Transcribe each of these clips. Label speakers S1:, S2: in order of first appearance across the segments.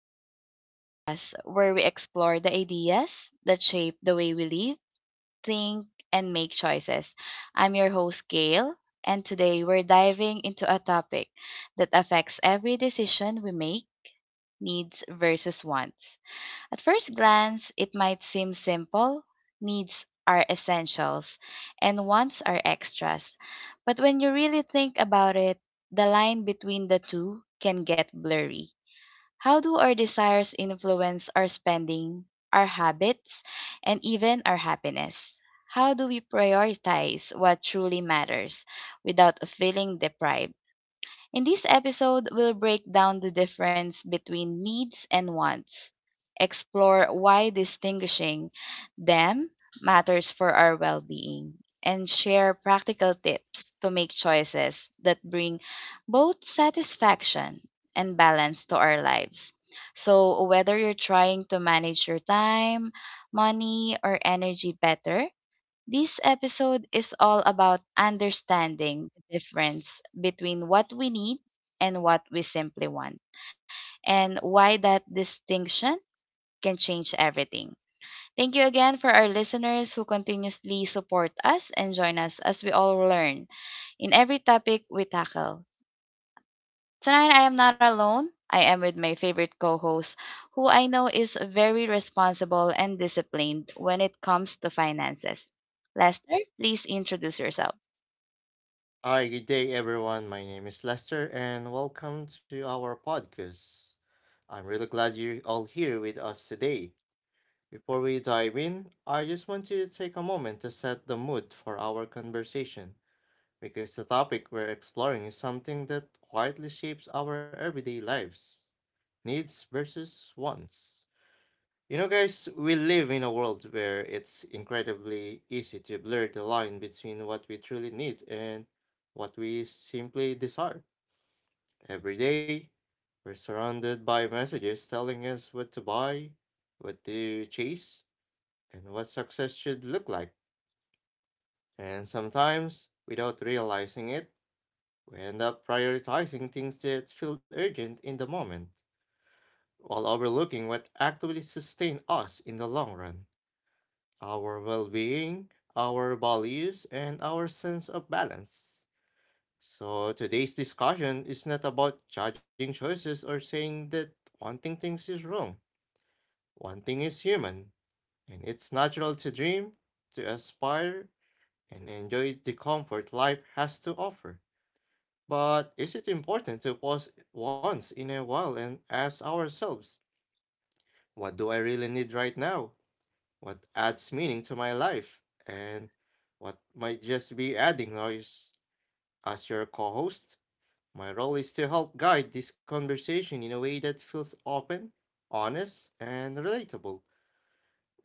S1: to G's podcast, where we explore the ideas that shape the way we live, think, and make choices. I'm your host, Gail, and today we're diving into a topic that affects every decision we make needs versus wants. At first glance, it might seem simple needs are essentials, and wants are extras. But when you really think about it, the line between the two can get blurry. How do our desires influence our spending, our habits, and even our happiness? How do we prioritize what truly matters without feeling deprived? In this episode, we'll break down the difference between needs and wants, explore why distinguishing them matters for our well being, and share practical tips to make choices that bring both satisfaction and balance to our lives. So, whether you're trying to manage your time, money, or energy better, this episode is all about understanding the difference between what we need and what we simply want, and why that distinction can change everything. Thank you again for our listeners who continuously support us and join us as we all learn in every topic we tackle. Tonight, I am not alone. I am with my favorite co host, who I know is very responsible and disciplined when it comes to finances. Lester, please introduce yourself.
S2: Hi, good day everyone. My name is Lester and welcome to our podcast. I'm really glad you're all here with us today. Before we dive in, I just want to take a moment to set the mood for our conversation because the topic we're exploring is something that quietly shapes our everyday lives: needs versus wants. You know, guys, we live in a world where it's incredibly easy to blur the line between what we truly need and what we simply desire. Every day, we're surrounded by messages telling us what to buy, what to chase, and what success should look like. And sometimes, without realizing it, we end up prioritizing things that feel urgent in the moment, while overlooking what actively sustain us in the long run: our well being, our values, and our sense of balance. So, today's discussion is not about judging choices or saying that wanting things is wrong. Wanting is human, and it's natural to dream, to aspire, and enjoy the comfort life has to offer. But is it important to pause once in a while and ask ourselves, what do I really need right now? What adds meaning to my life, and what might just be adding noise. As your co host, my role is to help guide this conversation in a way that feels open, honest, and relatable.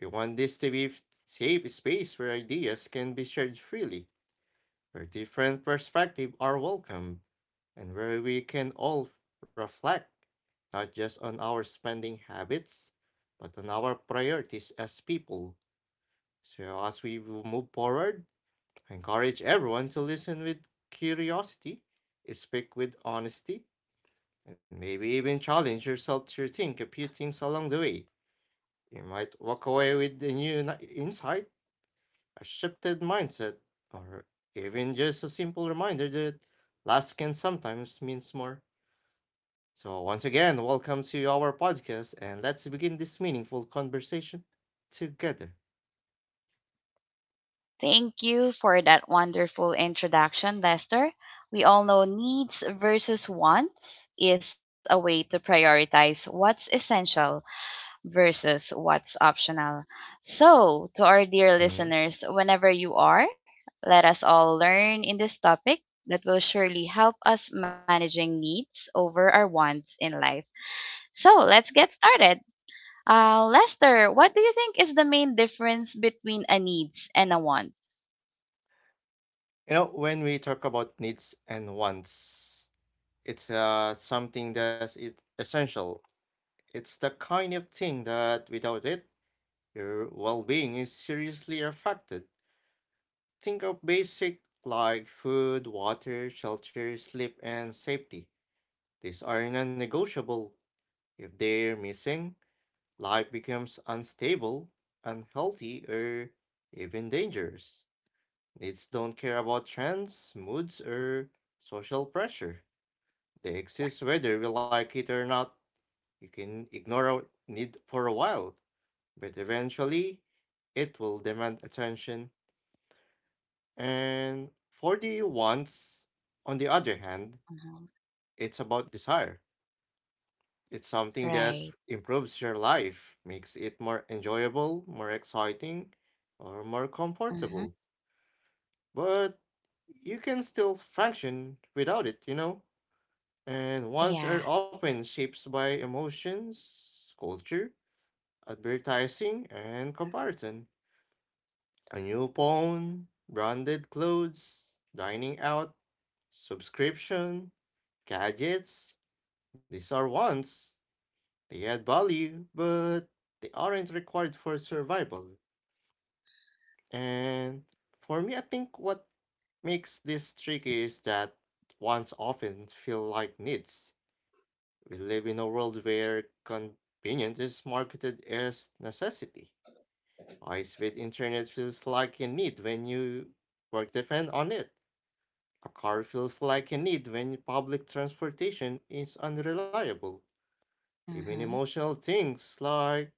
S2: We want this to be a safe space where ideas can be shared freely, where different perspectives are welcome, and where we can all reflect not just on our spending habits, but on our priorities as people. So, as we will move forward, I encourage everyone to listen with curiosity, speak with honesty, and maybe even challenge yourself to think a few things along the way. You might walk away with a new insight, a shifted mindset, or even just a simple reminder that less can sometimes mean more. So, once again, welcome to our podcast, and let's begin this meaningful conversation together.
S1: Thank you for that wonderful introduction, Lester. We all know needs versus wants is a way to prioritize what's essential versus what's optional. So, to our dear listeners, whenever you are, let us all learn in this topic that will surely help us managing needs over our wants in life. So, let's get started. Lester, what do you think is the main difference between a needs and a want?
S2: You know, when we talk about needs and wants, it's something that's it essential. It's the kind of thing that without it, your well-being is seriously affected. Think of basic like food, water, shelter, sleep, and safety. These are non-negotiable. If they're missing, life becomes unstable, unhealthy, or even dangerous. Needs don't care about trends, moods, or social pressure. The exist whether we like it or not. You can ignore our need for a while, but eventually it will demand attention. And for the wants, on the other hand,
S1: Mhm.
S2: it's about desire. It's something that
S1: Right.
S2: improves your life, makes it more enjoyable, more exciting, or more
S1: Mhm.
S2: comfortable. But you can still function without it, you know? And wants
S1: Yeah.
S2: are often shaped by emotions, culture, advertising and comparison. A new phone, branded clothes, dining out, subscription, gadgets. These are wants. They add value, but they aren't required for survival. And for me, I think what makes this tricky is that wants often feel like needs. We live in a world where convenience is marketed as necessity. High-speed internet feels like a need when you work depend on it. A car feels like a need when public transportation is unreliable. Even
S1: Mhm.
S2: emotional things like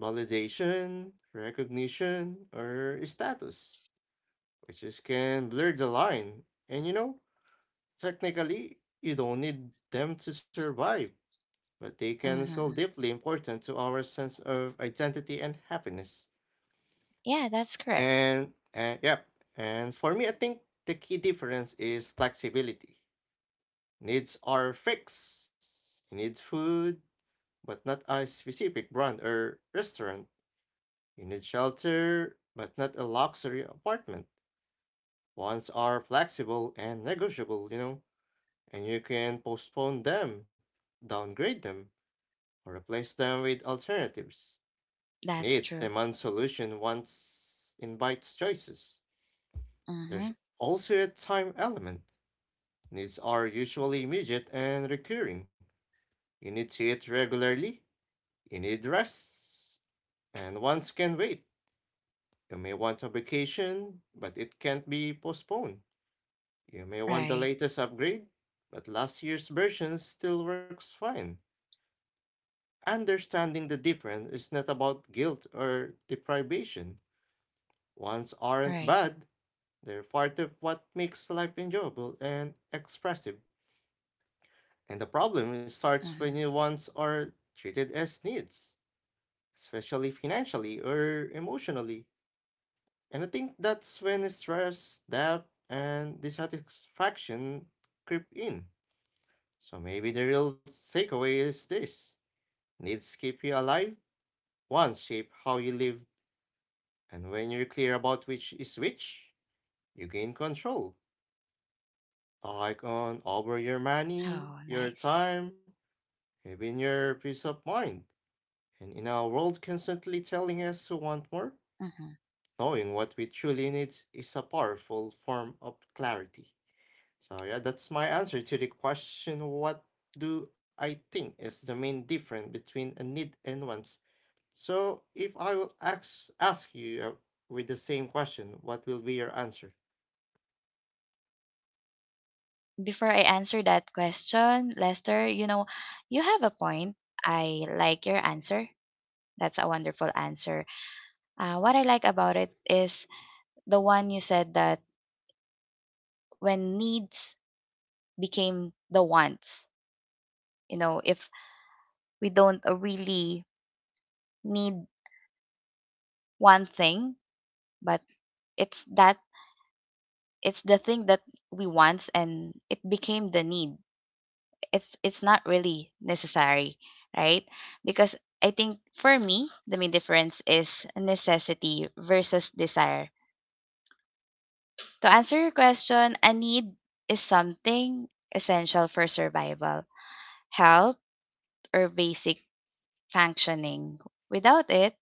S2: validation, recognition, or status, which is can blur the line. And you know, technically, you don't need them to survive, but they can feel
S1: Mhm.
S2: deeply important to our sense of identity and happiness.
S1: Yeah, that's correct.
S2: And yep. And for me, I think the key difference is flexibility. Needs are fixed. You need food, but not a specific brand or restaurant. You need shelter, but not a luxury apartment. Wants are flexible and negotiable, you know, and you can postpone them, downgrade them, or replace them with alternatives.
S1: That's
S2: Needs
S1: true.
S2: demand solution, wants invites choices. There's
S1: Mhm.
S2: also a time element. Needs are usually immediate and recurring. You need to eat regularly, you need rest, and wants can wait. You may want a vacation, but it can't be postponed. You may want the
S1: Right.
S2: latest upgrade, but last year's version still works fine. Understanding the difference is not about guilt or deprivation. Wants
S1: Right.
S2: aren't bad, they're part of what makes life enjoyable and expressive. And the problem
S1: Mhm.
S2: starts when your wants are treated as needs, especially financially or emotionally. And I think that's when stress, doubt, and dissatisfaction creep in. So maybe the real takeaway is this: needs keep you alive, wants shape how you live, and when you're clear about which is which, you gain control. Like
S1: Oh,
S2: on
S1: nice.
S2: over your money, your time, even your peace of mind. And in our world constantly
S1: Mhm.
S2: telling us to want more, knowing what we truly need is a powerful form of clarity. So, yeah, that's my answer to the question what do I think is the main difference between a need and wants? So, if I will ask you with the same question, what will be your answer?
S1: Before I answer that question, Lester, you know, you have a point. I like your answer. That's a wonderful answer. What I like about it is the one you said that when needs became the wants. You know, if we don't really need one thing, but it's that it's the thing that we want and it became the need. It's not really necessary, right? Because I think for me, the main difference is necessity versus desire. To answer your question, a need is something essential for survival, health, or basic functioning. Without it,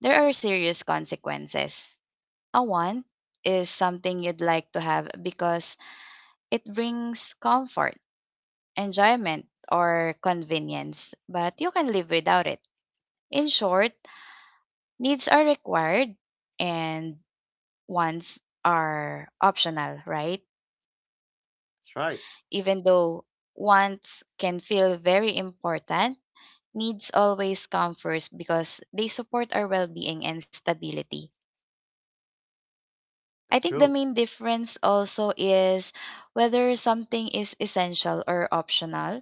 S1: there are serious consequences. A want is something you'd like to have because it brings comfort enjoyment, or convenience, but you can live without it. In short, needs are required and wants are optional, right?
S2: That's right.
S1: Even though wants can feel very important, needs always come first because they support our well being and stability. I
S2: That's
S1: think the
S2: true.
S1: main difference also is whether something is essential or optional.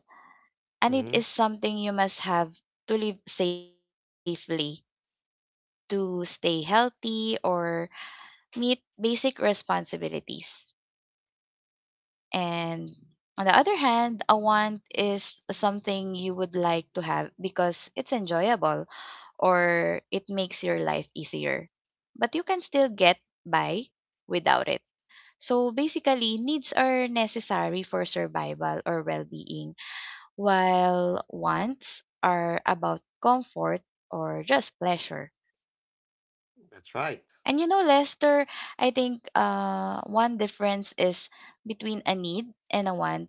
S1: A
S2: hmm
S1: need is something you must have to live safely to stay healthy or meet basic responsibilities. And on the other hand, a want is something you would like to have because it's enjoyable or it makes your life easier. But you can still get by without it. So basically, needs are necessary for survival or well being, while wants are about comfort or just pleasure.
S2: That's right.
S1: And you know, Lester, I think one difference is between a need and a want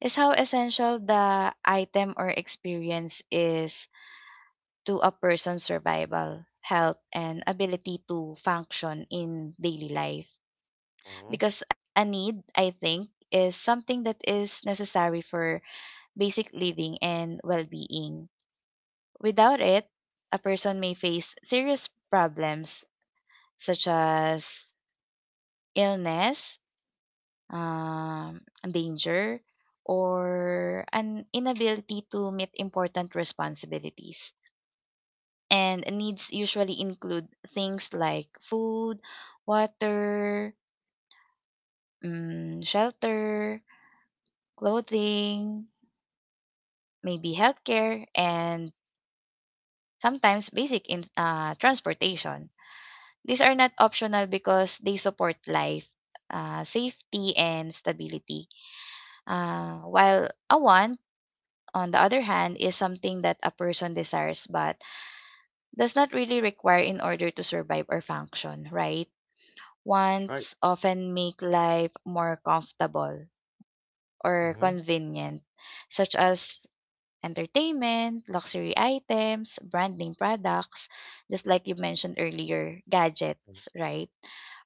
S1: is how essential the item or experience is to a person's survival, health, and ability to function in daily life.
S2: hmm
S1: Because a need, I think, is something that is necessary for basic living and well being. Without it, a person may face serious problems such as illness, um, danger, or an inability to meet important responsibilities. And needs usually include things like food, water, shelter, clothing, maybe healthcare, and sometimes basic transportation. These are not optional because they support life, safety, and stability. While a want on the other hand, is something that a person desires but does not really require in order to survive or function, right?
S2: That's right.
S1: Wants often make life more comfortable or
S2: hmm
S1: convenient, such as entertainment, luxury items, brand name products, just like you mentioned earlier, gadgets, right?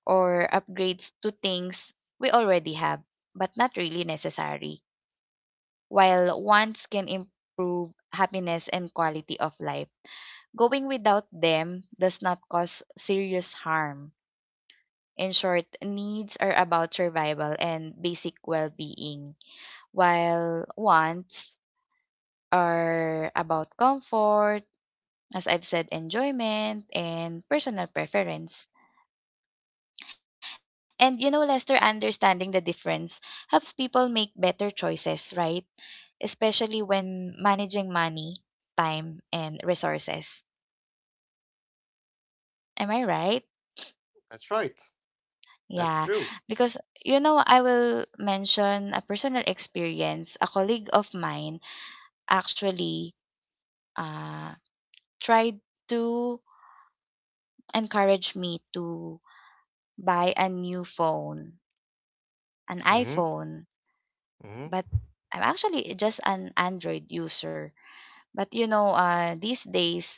S1: Or upgrades to things we already have, but not really necessary while wants can improve happiness and quality of life. Going without them does not cause serious harm. In short, needs are about survival and basic well being, while wants are about comfort, as I've said, enjoyment, and personal preference. And you know, Lester, understanding the difference helps people make better choices, right? Especially when managing money, time, and resources. Am I right?
S2: That's right. That's
S1: Yeah,
S2: true.
S1: because you know, I will mention a personal experience. A colleague of mine actually uh, tried to encourage me to buy a new phone, an
S2: hmm
S1: iPhone, but
S2: hmm
S1: I'm actually just an Android user. But you know, these days,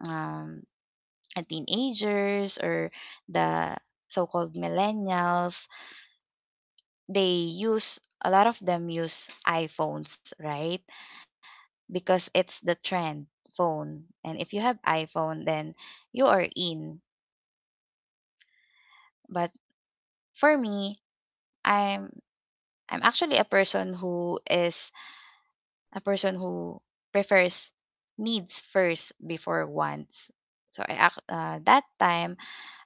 S1: um, teenagers or the so-called millennials, they use a lot of them use iPhones, right? Because it's the trend phone, and if you have iPhone then you are in. But for me, I'm I'm actually a person who prefers needs first before wants. So that time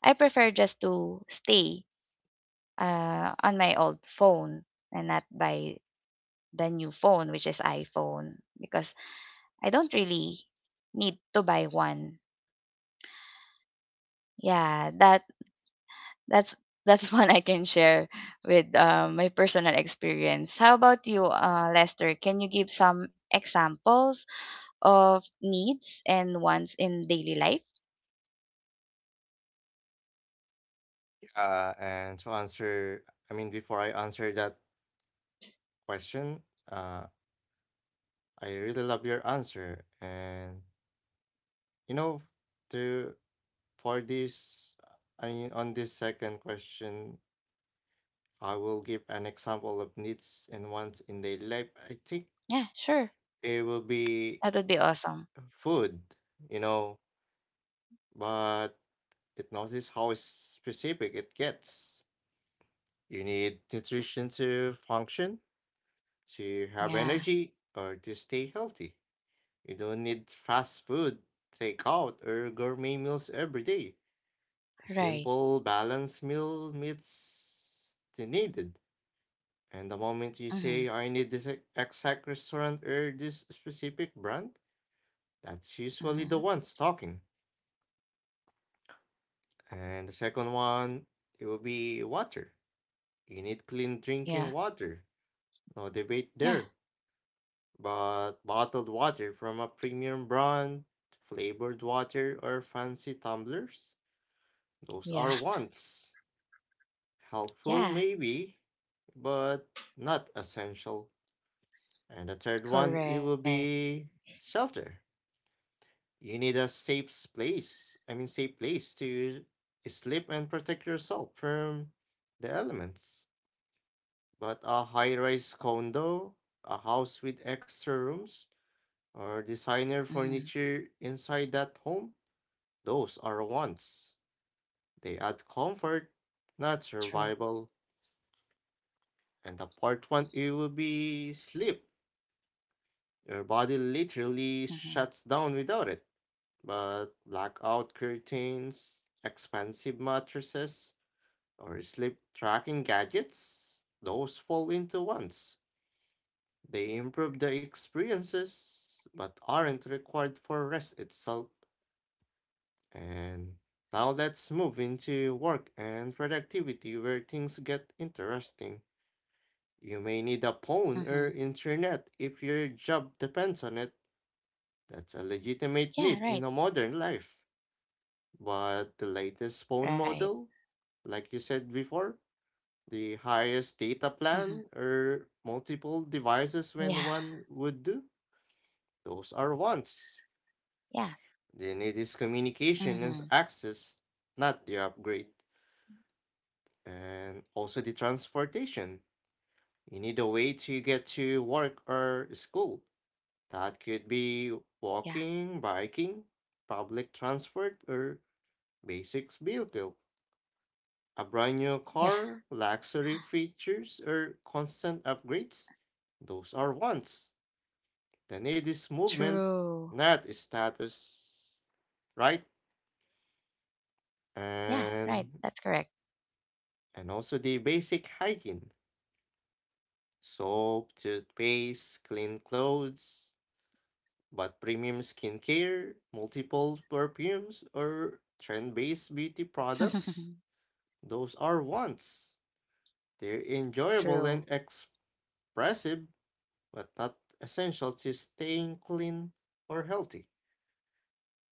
S1: I prefer just to stay on my old phone and not by the new phone, which is iPhone, because I don't really need to buy one. Yeah, that's that's one I can share with my personal experience. How about you, Lester? Can you give some examples of needs and wants in daily life?
S2: and to answer, I mean, before I answer that question, uh, I really love your answer. And you know, to for this, I mean, on this second question, I will give an example of needs and wants in daily life. I think
S1: Yeah, sure.
S2: it will
S1: That
S2: be
S1: would be awesome.
S2: food, you know, but it notice how specific it gets. You need nutrition to function, to have
S1: Yeah,
S2: energy, or to stay healthy. You don't need fast food, takeout, or gourmet meals every day. A
S1: right.
S2: simple, balanced meal meets the needed. And the moment you
S1: Mm-hmm,
S2: say, I need this exact restaurant or this specific brand, that's usually the
S1: mm-hmm.
S2: ones talking. And the second one, it will be water. You need clean
S1: Yeah,
S2: drinking water. No debate
S1: yeah,
S2: there. But bottled water from a premium brand, flavored water, or fancy tumblers? Those
S1: yeah,
S2: are wants. Helpful,
S1: yeah.
S2: maybe, but not essential. And the third one, it
S1: Correct.
S2: will be shelter. You need a safe place, I mean, safe place to sleep and protect yourself from the elements. But
S1: True.
S2: a high rise condo, a house with extra rooms, or
S1: Mm-hmm.
S2: designer furniture inside that home, those are wants. They add
S1: True.
S2: comfort, not survival. And the part one, it will be sleep. Your
S1: Mm-hmm.
S2: body literally shuts down without it. But blackout curtains, expensive mattresses, or sleep tracking gadgets, those fall into ones. They improve the experiences, but aren't required for rest itself. And now let's move into work and productivity where things get interesting. You
S1: Mm-hmm.
S2: may need a phone or internet if your job depends on it. That's
S1: Yeah,
S2: a
S1: right.
S2: legitimate need in a modern life. But the
S1: Right.
S2: latest phone model, like you said before, the
S1: Mm-hmm.
S2: highest data plan or multiple
S1: Yeah.
S2: devices when one would do, those are
S1: Yeah.
S2: wants. The need
S1: Mm-hmm.
S2: is communication and access, not the upgrade. And also the transportation. You need a way to get to work or school. That could
S1: Yeah.
S2: be walking, biking, public transport, or basic vehicle. A
S1: Yeah.
S2: brand new car, luxury features, or constant upgrades. Those are wants. The need is
S1: True.
S2: movement, not status. Right?
S1: Yeah, right. That's
S2: And
S1: correct.
S2: and also the basic hygiene. Soap, toothpaste, clean clothes, but premium skincare, multiple perfumes, or trend based beauty products, those are wants. They're
S1: True.
S2: enjoyable and expressive, but not essential to staying clean or healthy.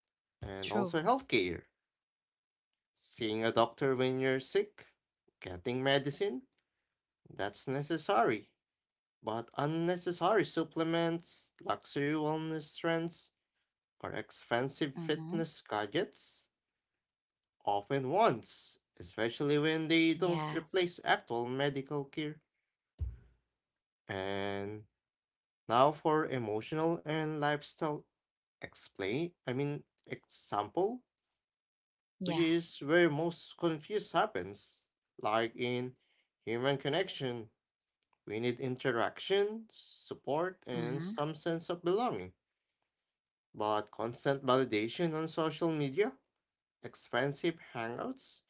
S1: True.
S2: And also healthcare. Seeing a doctor when you're sick, getting medicine, that's necessary. But unnecessary supplements, luxury wellness trends, or expensive
S1: Mm-hmm.
S2: fitness gadgets often wants, especially when they
S1: Yeah.
S2: don't replace actual medical care. And now for emotional and lifestyle explain, I mean, example, which
S1: Yeah.
S2: is where most confuse happens. Like in human connection, we need interaction, support, and
S1: Mm-hmm.
S2: some sense of belonging. But constant validation on social media, expensive hangouts,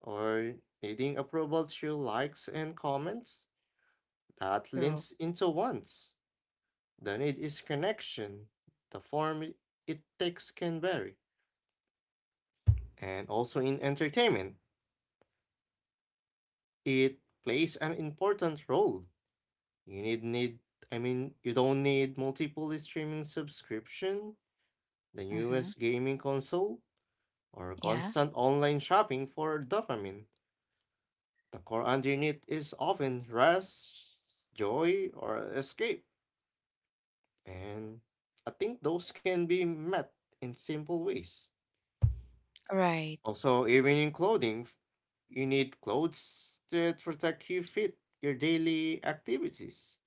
S2: or needing approval through likes and comments, that
S1: True.
S2: leans into wants. The need is connection. The form it takes can vary. And also in entertainment, it plays an important role. You need need I mean you don't need multiple streaming subscription, the
S1: Mm-hmm.
S2: newest gaming console, or
S1: Yeah.
S2: constant online shopping for dopamine. The core underneath is often rest, joy, or escape. And I think those can be met in simple ways.
S1: Right.
S2: Also, even in clothing, you need clothes that protect you fit your daily activities.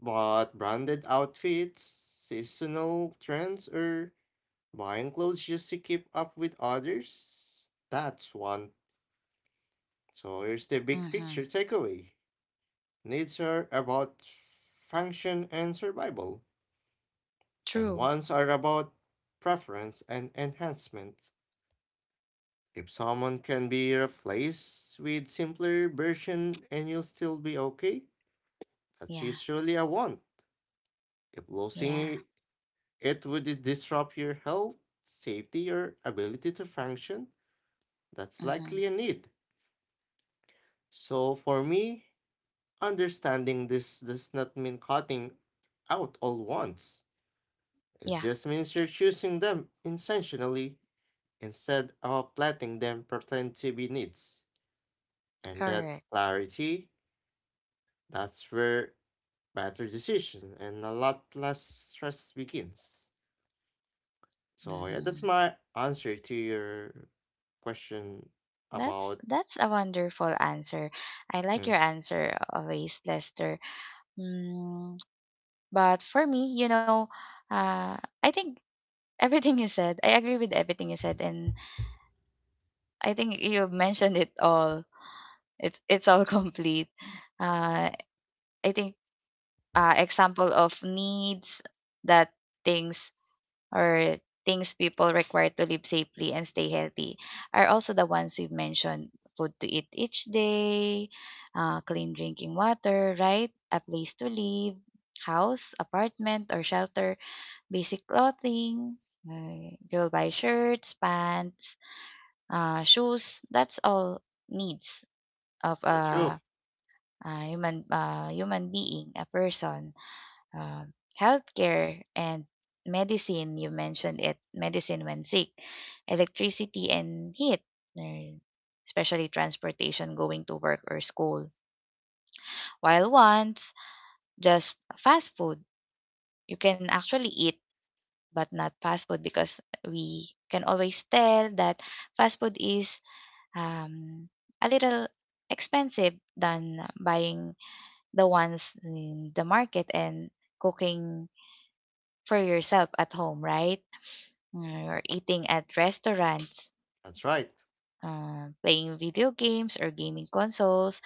S2: But branded outfits, seasonal trends, or buying clothes just to keep up with others, that's one. So here's the big picture
S1: Mm-hmm.
S2: takeaway. Needs are about function and survival, and
S1: True.
S2: wants are about preference and enhancement. If someone can be replaced with simpler version and you'll still be okay, that's
S1: Yeah.
S2: usually a one. If losing
S1: Yeah.
S2: it would disrupt your health, safety, or ability to function, that's likely
S1: Mm-hmm.
S2: a need. So for me, understanding this does not mean cutting out all wants. It
S1: Yeah.
S2: just means you're choosing them intentionally instead of letting them pretend to be needs. And that
S1: Correct.
S2: clarity, that's where better decision, and a lot less stress begins. So yeah, that's
S1: Mm-hmm.
S2: my answer to your question
S1: That's
S2: about.
S1: that's a wonderful answer. I like
S2: Mm,
S1: your answer always, Lester. Mm. But for me, you know, uh, I think everything you said, I agree with everything you said, and I think you mentioned it all. It's all complete. Uh, I think example of needs that things or things people require to live safely and stay healthy are also the ones you mentioned. Food to eat each day, clean drinking water, right? A place to live, house, apartment, or shelter. Basic clothing, you'll buy shirts, pants, shoes. That's all needs of
S2: that's true.
S1: a human being, a person. Um Healthcare and medicine. You mentioned it. Medicine when sick, electricity and heat. uh, Especially transportation going to work or school. While once just fast food, you can actually eat but not fast food because we can always tell that fast food is um, a little expensive than buying the ones in the market and cooking for yourself at home, right? Mm. Or eating at restaurants,
S2: That's right.
S1: playing video games or gaming consoles,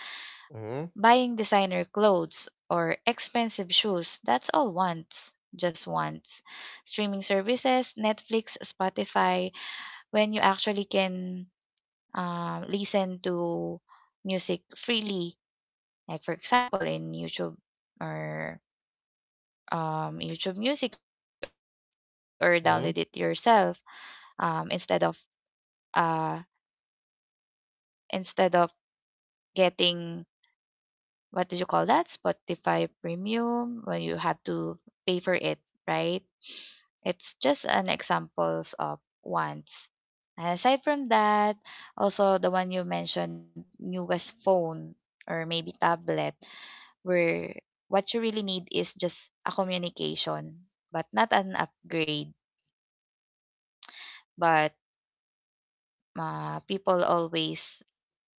S2: hmm
S1: buying designer clothes or expensive shoes. That's all once, just once. Streaming services, Netflix, Spotify, when you actually can listen to music freely, like for example in YouTube, or YouTube Music, or download it yourself,
S2: hmm
S1: um, instead of uh, instead of getting what do you call that? Spotify Premium, when you have to pay for it, right? It's just an examples of wants. And aside from that, also the one you mentioned, newest phone or maybe tablet, where what you really need is just a communication, but not an upgrade. But people always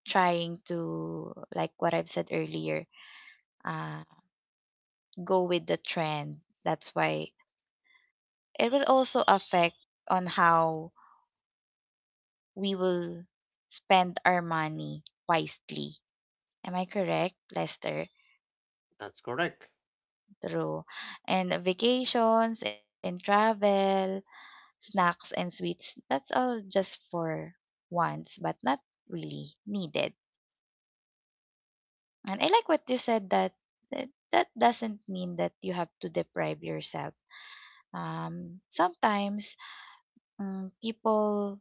S1: trying to, like what I've said earlier, uh, go with the trend. That's why it will also affect on how we will spend our money wisely. Am I correct, Lester?
S2: That's correct.
S1: True. And vacations and travel, snacks and sweets, that's all just for wants, but not really needed. And I like what you said that that doesn't mean that you have to deprive yourself. Sometimes people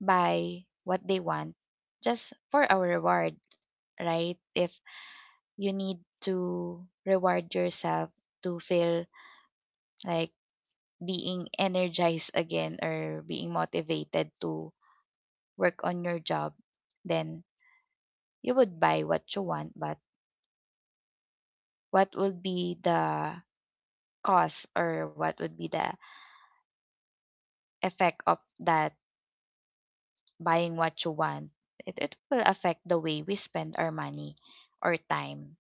S1: buy what they want just for a reward, right? If you need to reward yourself to feel like being energized again or being motivated to work on your job, then you would buy what you want, but what would be the cost or what would be the effect of that buying what you want? It will affect the way we spend our money or time,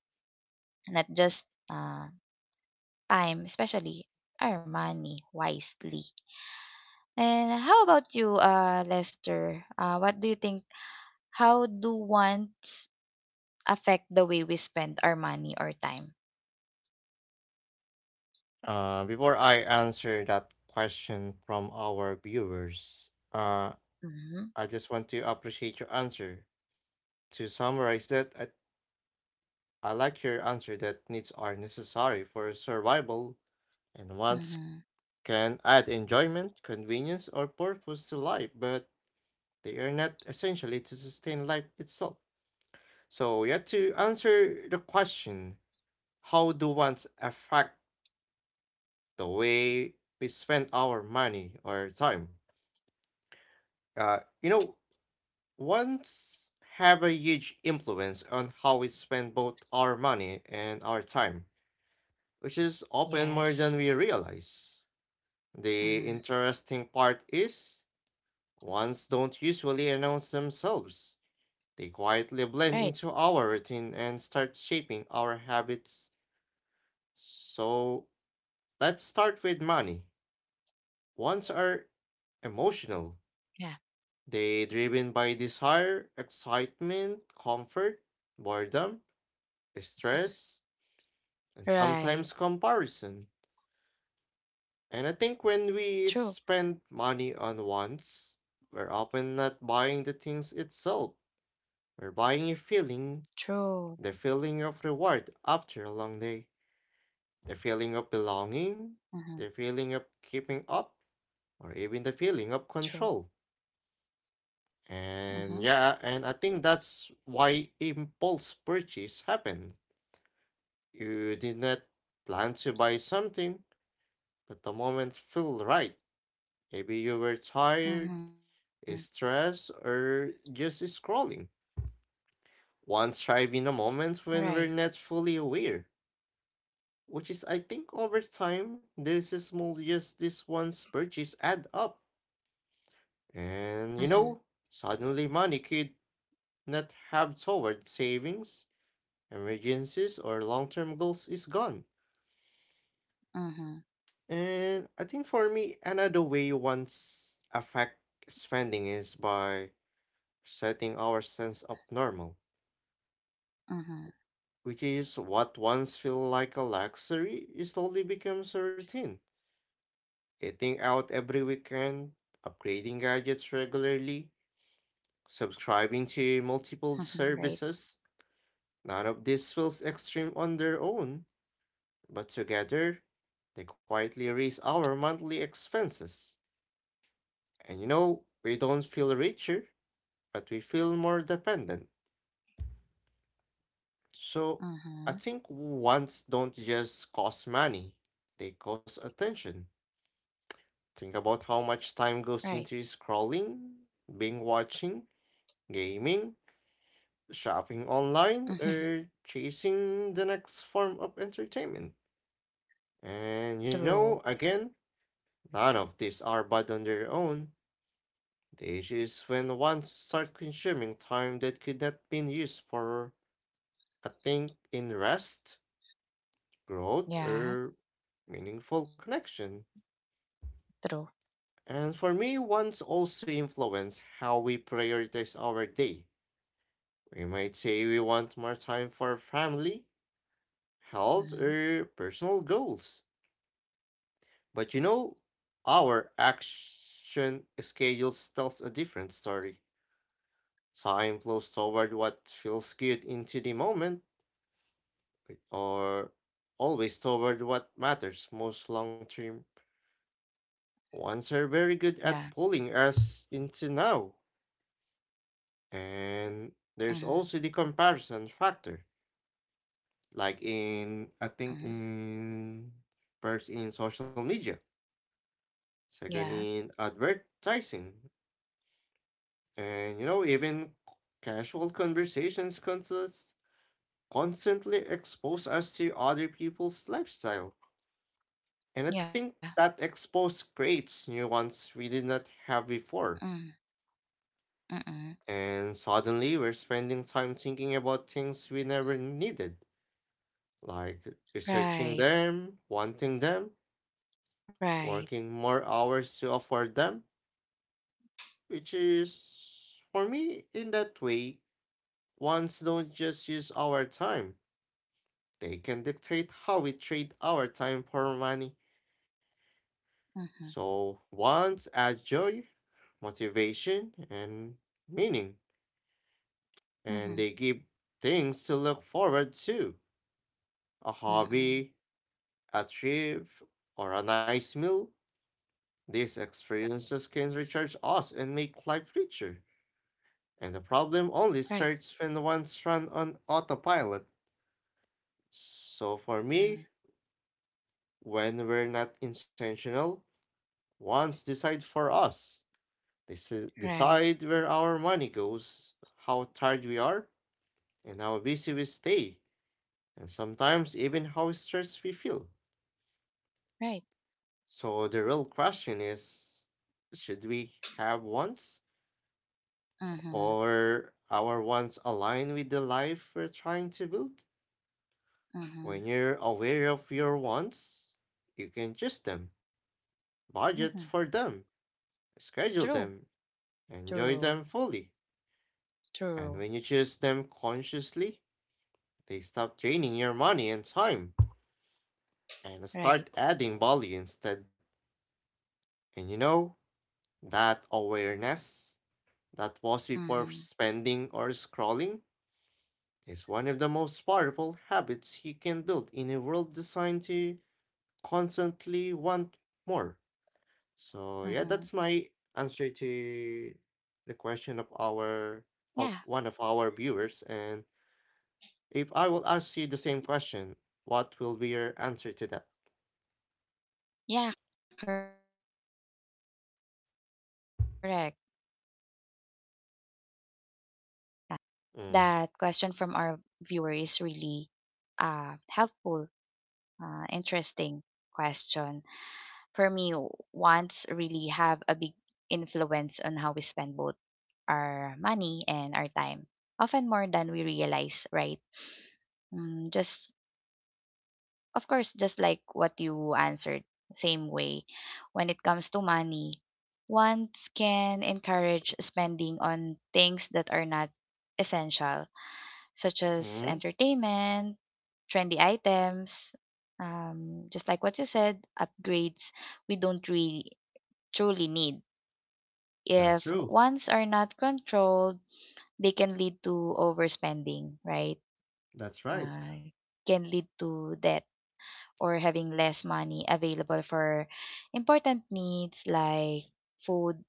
S1: not just uh, time, especially our money wisely. And how about you, Lester? What do you think? How do wants affect the way we spend our money or time?
S2: Before I answer that question from our viewers,
S1: Mm-hmm.
S2: I just want to appreciate your answer. To summarize that, I like your answer that needs are necessary for survival and once
S1: Mm-hmm.
S2: can add enjoyment, convenience, or purpose to life, but they are not essentially to sustain life itself. So, yeah, to answer the question, how do wants affect the way we spend our money or time? You know, wants have a huge influence on how we spend both our money and our time, which is often more
S1: Yes.
S2: than we realize.
S1: Mm-hmm.
S2: The interesting part is ones don't usually announce themselves. They quietly
S1: Right.
S2: blend into our routine and start shaping our habits. So let's start with money. Ones are
S1: Yeah.
S2: emotional. They driven by desire, excitement, comfort, boredom,
S1: Right.
S2: stress, and sometimes comparison.
S1: True.
S2: And I think when we spend money on wants, we're often not buying the things itself. We're buying a
S1: True.
S2: feeling. The feeling of reward after a long day, the feeling of
S1: Mm-hmm.
S2: belonging, the feeling of keeping up, or even the
S1: True.
S2: feeling of control.
S1: Mm-hmm.
S2: And yeah, and I think that's why impulse purchase happened. You did not plan to buy something, but the moment felt right. Maybe you were
S1: Mm-hmm.
S2: tired, stressed, or just scrolling. Once
S1: Right.
S2: thrive in a moment when we're not fully aware. Which is, I think, over time, this is small yes, this one's purchase add up.
S1: Mm-hmm.
S2: And you know, suddenly money could not have toward savings, emergencies, or long term goals is gone.
S1: Mm-hmm.
S2: And I think for me, another way once affect spending is by setting our sense of normal,
S1: Mm-hmm.
S2: which is what once feel like a luxury, it slowly becomes a routine. Eating out every weekend, upgrading gadgets regularly, subscribing
S1: Right.
S2: to multiple services. None of this feels extreme on their own, but together, they quietly raise our monthly expenses. And you know, we don't feel richer, but we feel more dependent.
S1: Mm-hmm.
S2: So, I think wants don't just cost money, they cost attention. Think about how
S1: Right.
S2: much time goes into scrolling, being watching, gaming, shopping
S1: Mm-hmm.
S2: online or chasing the next form of entertainment.
S1: True.
S2: And you know, again, none of these are bad on their own. The issue is when one starts consuming time that could not be used for a thing in rest, growth,
S1: Yeah.
S2: or meaningful connection.
S1: True.
S2: And for me, ones also influence how we prioritize our day. We might say we want more time for family,
S1: Mm-hmm.
S2: health, or personal goals. But you know, our action schedules tells a different story. Time flows toward what feels good into the moment, or always toward what matters most long term. Ones are very good
S1: Yeah.
S2: at pulling us into now. And
S1: Mhm,
S2: there's also the comparison factor, like in, I think,
S1: mhm.
S2: in first in social media,
S1: Yeah,
S2: second in advertising. And you know, even casual conversations constantly expose us to other people's lifestyle. And
S1: yeah.
S2: I think that expose creates new ones we did not have
S1: Mm,
S2: before.
S1: mm.
S2: And suddenly we're spending time thinking about things we never needed, like
S1: Right,
S2: researching them, wanting them,
S1: right.
S2: working more hours to afford them, which is, for me, in that way, ones don't just use our time. They can dictate how we trade our time for money.
S1: Mhm,
S2: So, wants add joy, motivation, and meaning,
S1: mhm,
S2: and they give things to look forward to, a
S1: mm.
S2: hobby, a trip, or a nice meal. These experiences can recharge us and make life richer. And the
S1: Right,
S2: problem only starts when one's run on autopilot. So,
S1: mm.
S2: for me, when we're not intentional, wants decide for us.
S1: Right,
S2: Decide where our money goes, how tired we are, and how busy we stay, and sometimes even how stressed we feel.
S1: right.
S2: So the real question is should we have wants,
S1: Mhm,
S2: or our wants align with the life we're trying to build?
S1: mhm,
S2: When you're aware of your wants, you can choose them, budget
S1: mhm.
S2: for them, schedule
S1: True,
S2: them, enjoy
S1: true,
S2: them fully. And
S1: true.
S2: when you choose them consciously, they stop draining your money and time and
S1: Right.
S2: start adding value instead. And you know, that awareness that was before
S1: Mhm,
S2: spending or scrolling is one of the most powerful habits you can build in a world designed to constantly want more. So yeah, that's
S1: mhm.
S2: my answer to the question of our of
S1: Yeah,
S2: one of our viewers and if I will ask you the same question, what will be your answer to that?
S1: yeah. Correct. That's correct. And anything you said is correct. That question from our viewer is
S2: Mm.
S1: really helpful, interesting question for me. Wants really have a big influence on how we spend both our money and our time, often more than we realize, right? Just, of course, just like what you answered, same way. When it comes to money, wants can encourage spending on things that are not essential, such as
S2: Mm.
S1: entertainment, trendy items, just like what you said, upgrades we don't really truly need.
S2: That's
S1: If
S2: true.
S1: ones are not controlled, they can lead to overspending, right?
S2: That's right.
S1: Uh, can lead to debt or having less money available for important needs like food,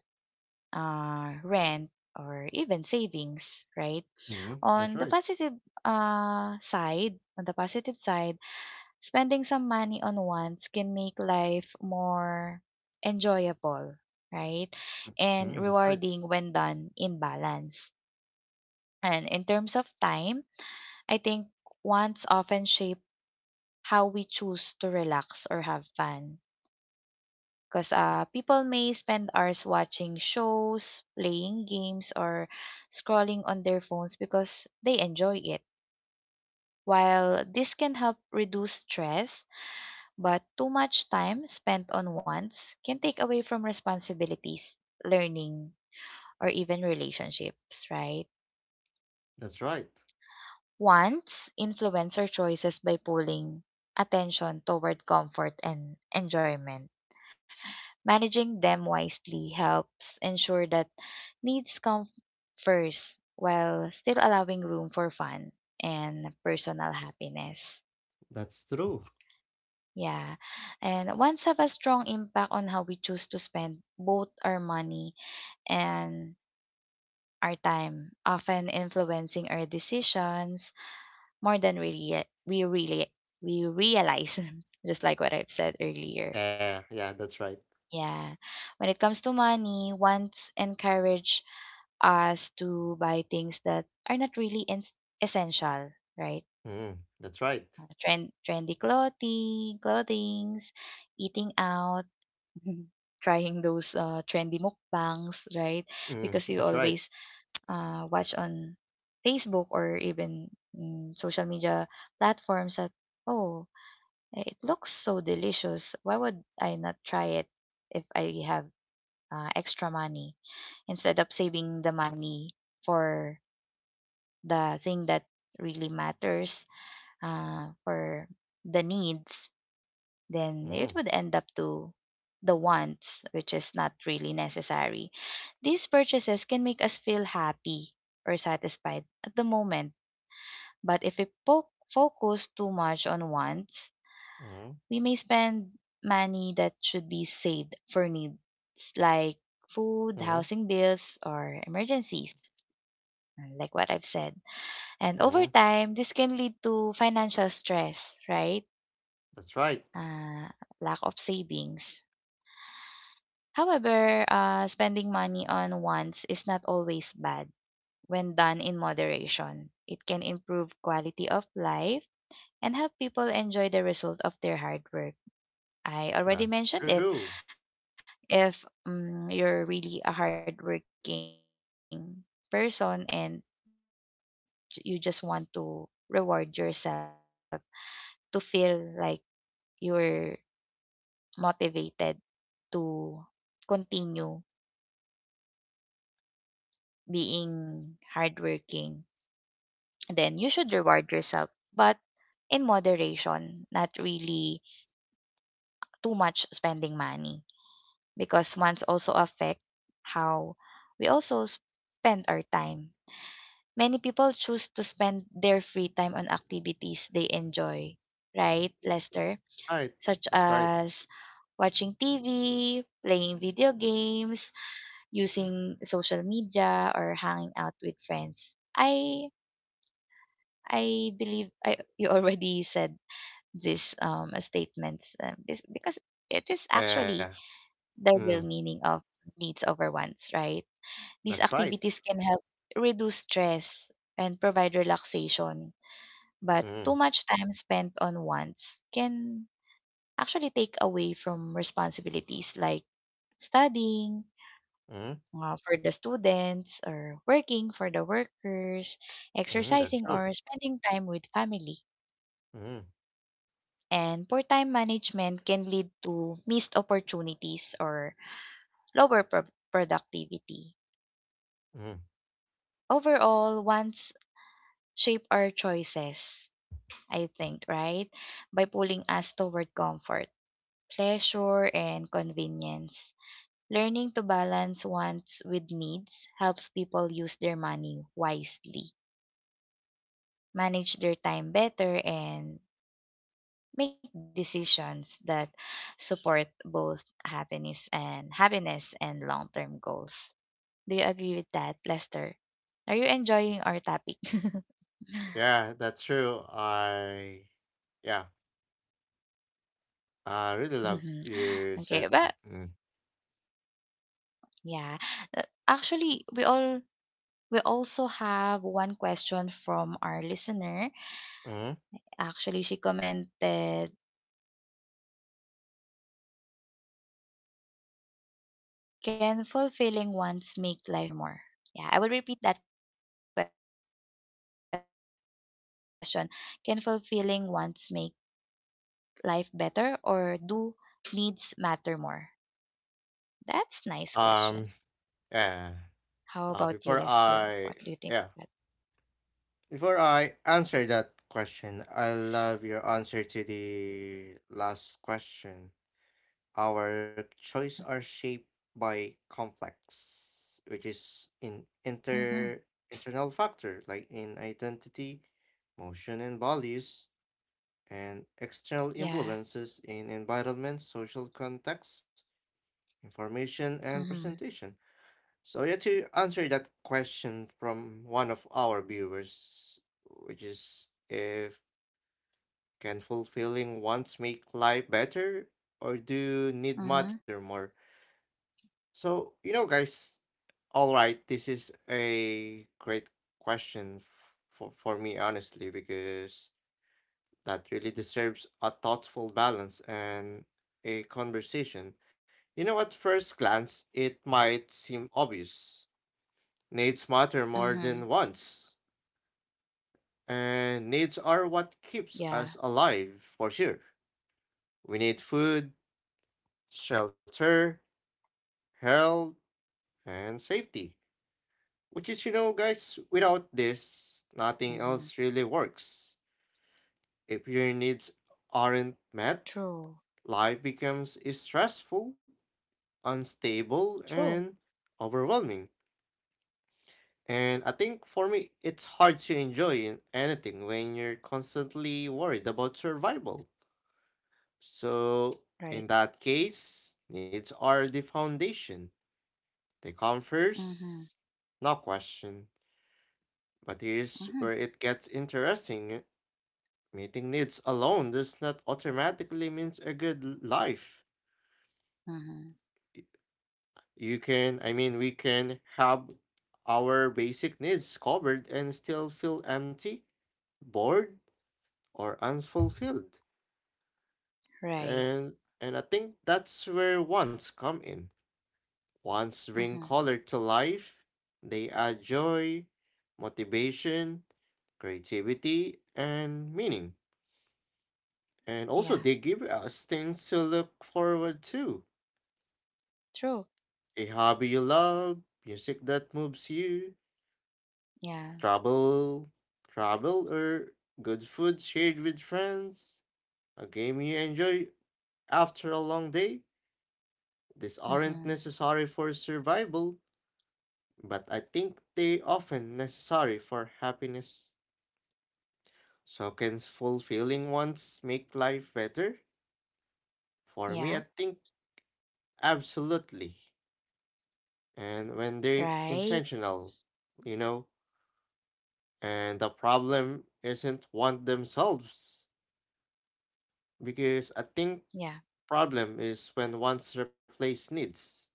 S1: rent, or even savings, right?
S2: Hmm.
S1: On
S2: That's
S1: the
S2: right.
S1: positive side, on the positive side, spending some money on wants can make life more enjoyable, right? And
S2: Hmm. That's right.
S1: rewarding when done in balance. And in terms of time, I think wants often shape how we choose to relax or have fun. Because people may spend hours watching shows, playing games, or scrolling on their phones because they enjoy it. While this can help reduce stress, but too much time spent on wants can take away from responsibilities, learning, or even relationships, right?
S2: That's right.
S1: Wants influence our choices by pulling attention toward comfort and enjoyment. Managing them wisely helps ensure that needs come first while still allowing room for fun and personal happiness.
S2: That's true.
S1: Yeah. And wants have a strong impact on how we choose to spend both our money and our time, often influencing our decisions more than really we realize, just like what I've said earlier.
S2: Yeah, yeah, that's right.
S1: Yeah. When it comes to money, wants encourage us to buy things that are not essential, right?
S2: Hmm. That's right.
S1: Trendy clothings, eating out, trying those trendy mukbangs, right?
S2: Hmm.
S1: Because you
S2: That's right.
S1: always watch on Facebook or even social media platforms that, oh, it looks so delicious. Why would I not try it if I have extra money instead of saving the money for the thing that really matters for the needs? Then it
S2: Hmm.
S1: would end up to the wants, which is not really necessary. These purchases can make us feel happy or satisfied at the moment, but if we focus too much on wants,
S2: Hmm.
S1: we may spend money that should be saved for needs like food,
S2: Hmm.
S1: housing bills, or emergencies, like what I've said. And over
S2: Hmm.
S1: time, this can lead to financial stress, right?
S2: That's right.
S1: Uh, Lack of savings. However, spending money on wants is not always bad. When done in moderation, it can improve quality of life and help people enjoy the result of their hard work. I already
S2: That's
S1: mentioned it.
S2: true.
S1: If you're really a hardworking person and you just want to reward yourself to feel like you're motivated to continue being hardworking, then you should reward yourself, but in moderation, not really too much spending money, because one's also affect how we also spend our time. Many people choose to spend their free time on activities they enjoy, right, Lester? Such as
S2: Right. That's right.
S1: watching TV, playing video games, using social media, or hanging out with friends. I I believe I you already said this statements this because it is actually
S2: Yeah.
S1: the real
S2: Mm.
S1: meaning of needs over wants, right? These
S2: That's right.
S1: activities can help reduce stress and provide relaxation, but too
S2: Mm.
S1: much time spent on wants can actually take away from responsibilities like studying
S2: Mm.
S1: for the students or working for the workers,
S2: Mm. That's
S1: exercising
S2: true.
S1: or spending time with family,
S2: Mm.
S1: and poor time management can lead to missed opportunities or lower productivity.
S2: Mm.
S1: Overall, wants shape our choices, I think, right? By pulling us toward comfort, pleasure, and convenience. Learning to balance wants with needs helps people use their money wisely, manage their time better, and make decisions that support both happiness and long-term goals. Do you agree with that, Lester? Are you enjoying our topic?
S2: Yeah, that's true. I yeah, I
S1: Mhm.
S2: really love
S1: Okay, but
S2: you said. Mm.
S1: yeah, actually, we also have one question from our listener.
S2: Mm.
S1: Actually, she commented, "Can fulfilling wants make life better or do needs matter more?" Yeah, I will repeat that question. Can fulfilling wants make life better or do needs matter more?
S2: Um. Yeah.
S1: That's nice
S2: Uh,
S1: question.
S2: before I, yeah,
S1: How about you,
S2: before
S1: Lester?
S2: I
S1: What do you
S2: answer
S1: think of
S2: that
S1: that?
S2: question, I love your answer to the last question. Our choice are shaped by complex, which is in internal factor like in identity, motion and
S1: Mm-hmm.
S2: values, and external influences in environment, social context, information,
S1: Yeah.
S2: and presentation. So yeah, to answer that question from one of
S1: Mm-hmm.
S2: our viewers, which is if can fulfilling wants make life better or do need matter more? So you know, guys, all right,
S1: Mm-hmm.
S2: this is a great question for me honestly because that really deserves a thoughtful balance and a conversation. You know, at first glance, it might seem obvious needs matter more than wants, and needs are what
S1: Mm-hmm.
S2: keeps us alive for sure. We
S1: Yeah.
S2: need food, shelter, health,
S1: True.
S2: and safety. Which is, you know, guys, without this, nothing else really works.
S1: Mm-hmm.
S2: If your needs aren't met, life becomes stressful,
S1: True.
S2: unstable, and overwhelming. And I think for
S1: True.
S2: me, it's hard to enjoy in anything when you're constantly worried about survival. So, in that case, needs are the foundation. They
S1: Right.
S2: come first, no question. But here's where it gets
S1: Mm-hmm.
S2: interesting. Meeting needs alone does not
S1: Mm-hmm.
S2: automatically means a good life. Y- You can, I mean, we can have our
S1: Mm-hmm.
S2: basic needs covered and still feel empty, bored, or unfulfilled. And and I think that's where wants come in. Once
S1: Right.
S2: bring color to life, they add joy, motivation,
S1: Mm-hmm.
S2: creativity, and meaning. And also, they give us things to look forward to,
S1: Yeah.
S2: a hobby you love, music that moves you,
S1: True.
S2: travel, travel, or good food shared with
S1: Yeah.
S2: friends, a game you enjoy after a long day. These aren't necessary for survival, but I think they often
S1: Mm-hmm.
S2: necessary for happiness. So can fulfilling wants make life better? For me, I think absolutely. And
S1: Yeah.
S2: when they're intentional, you know, and the
S1: Right?
S2: problem isn't want themselves. Because I think problem is when wants replace needs
S1: Yeah.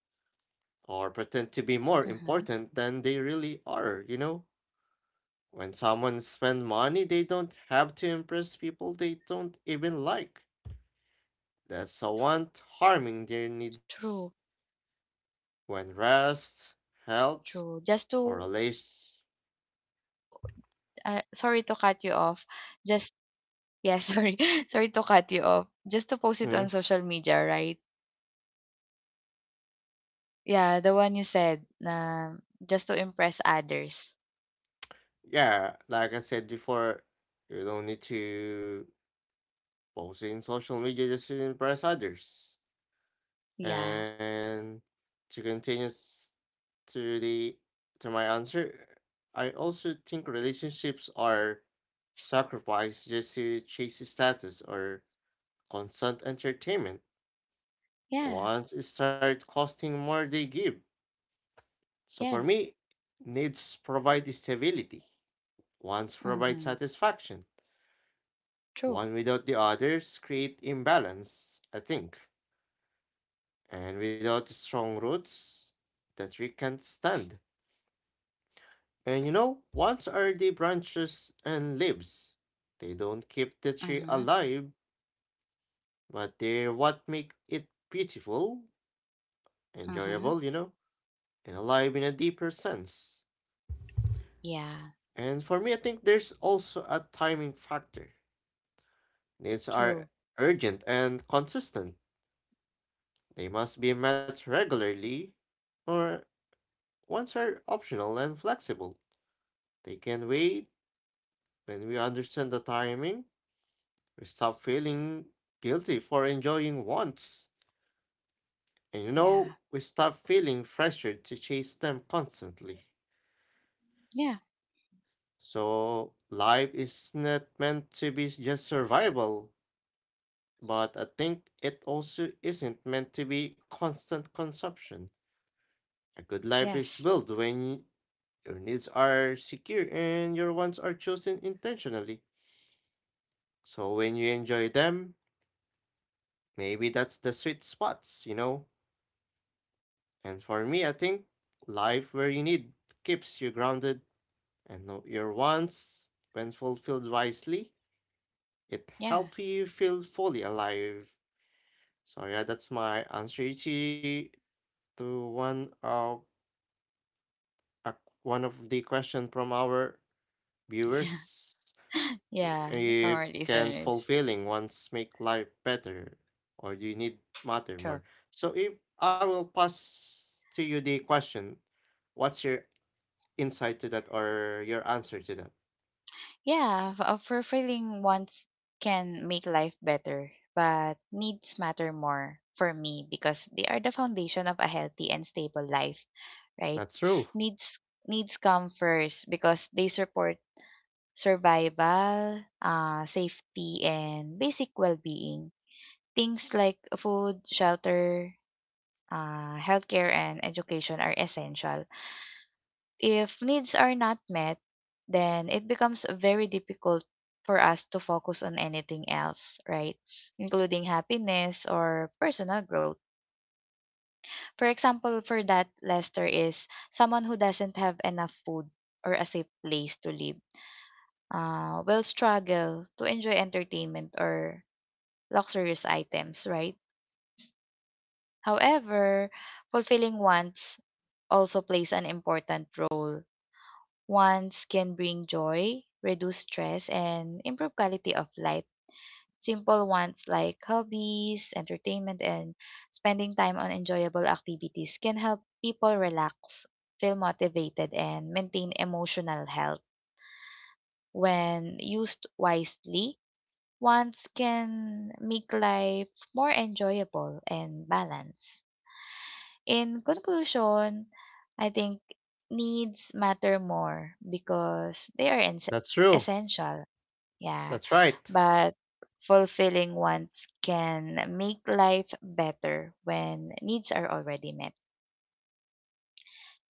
S2: or pretend to be more important than they really are, you know?
S1: Mm-hmm.
S2: When someone spend money, they don't have to impress people they don't even like. That's a want harming their needs. When
S1: True.
S2: rest, health, or relation,
S1: True. Just to, sorry to cut you off. Just to, yeah, sorry. Sorry to cut you off. Just to post it on
S2: mm,
S1: social media, right? Yeah, the one you said, just to impress others.
S2: yeah, like I said before, you don't need to post in social media just to impress others.
S1: Yeah.
S2: And to continue to the to my answer, I also think relationships are sacrificed just to chase status or constant entertainment.
S1: Yeah.
S2: Once it starts costing more, they give. So for
S1: Yes.
S2: me, needs provide stability. Wants provide
S1: Mm-hmm.
S2: satisfaction.
S1: True.
S2: One without the others create imbalance, I think. And without strong roots, the tree can't stand. And you know, wants are the branches and leaves. They don't keep the
S1: Mm-hmm.
S2: tree alive, but they're what make it beautiful, enjoyable,
S1: Mm-hmm.
S2: you know, and alive in a deeper sense.
S1: Yeah.
S2: And for me, I think there's also a timing factor. Needs
S1: True.
S2: are urgent and consistent. They must be met regularly, or wants are optional and flexible. They can wait when we understand the timing. We stop feeling guilty for enjoying wants. And you
S1: Yeah.
S2: know, we stop feeling pressured to chase them constantly.
S1: Yeah.
S2: So, life is not meant to be just survival, but I think it also isn't meant to be constant consumption. A good life is
S1: Yes.
S2: built when your needs are secure and your wants are chosen intentionally. So when you enjoy them, maybe that's the sweet spots, you know? And for me, I think life where you need keeps you grounded and your wants, when fulfilled wisely, it
S1: Yeah.
S2: helps you feel fully alive. So yeah, that's my answer to one of a- one of the question from our
S1: Yeah.
S2: viewers.
S1: Yeah. Our
S2: If can
S1: listeners.
S2: fulfilling ones make life better, or do you need matter
S1: True.
S2: more? So if I will pass to you the question, what's your insight to that or your answer to that?
S1: Yeah, fulfilling wants can make life better, but needs matter more for me because they are the foundation of a healthy and stable life,
S2: That's
S1: right?
S2: true.
S1: Needs needs come first because they support survival, safety, and basic well-being. Things like food, shelter, healthcare, and education are essential. If needs are not met, then it becomes very difficult for us to focus on anything else, right? Including happiness or personal growth. For example, for that, Lester, is someone who doesn't have enough food or a safe place to live, will struggle to enjoy entertainment or luxurious items, right? However, fulfilling wants also plays an important role. Wants can bring joy, reduce stress, and improve quality of life. Simple wants like hobbies, entertainment, and spending time on enjoyable activities can help people relax, feel motivated, and maintain emotional health. When used wisely, wants can make life more enjoyable and balanced. In conclusion, I think needs matter more because they are
S2: That's true.
S1: essential. Yeah.
S2: That's right.
S1: But fulfilling wants can make life better when needs are already met.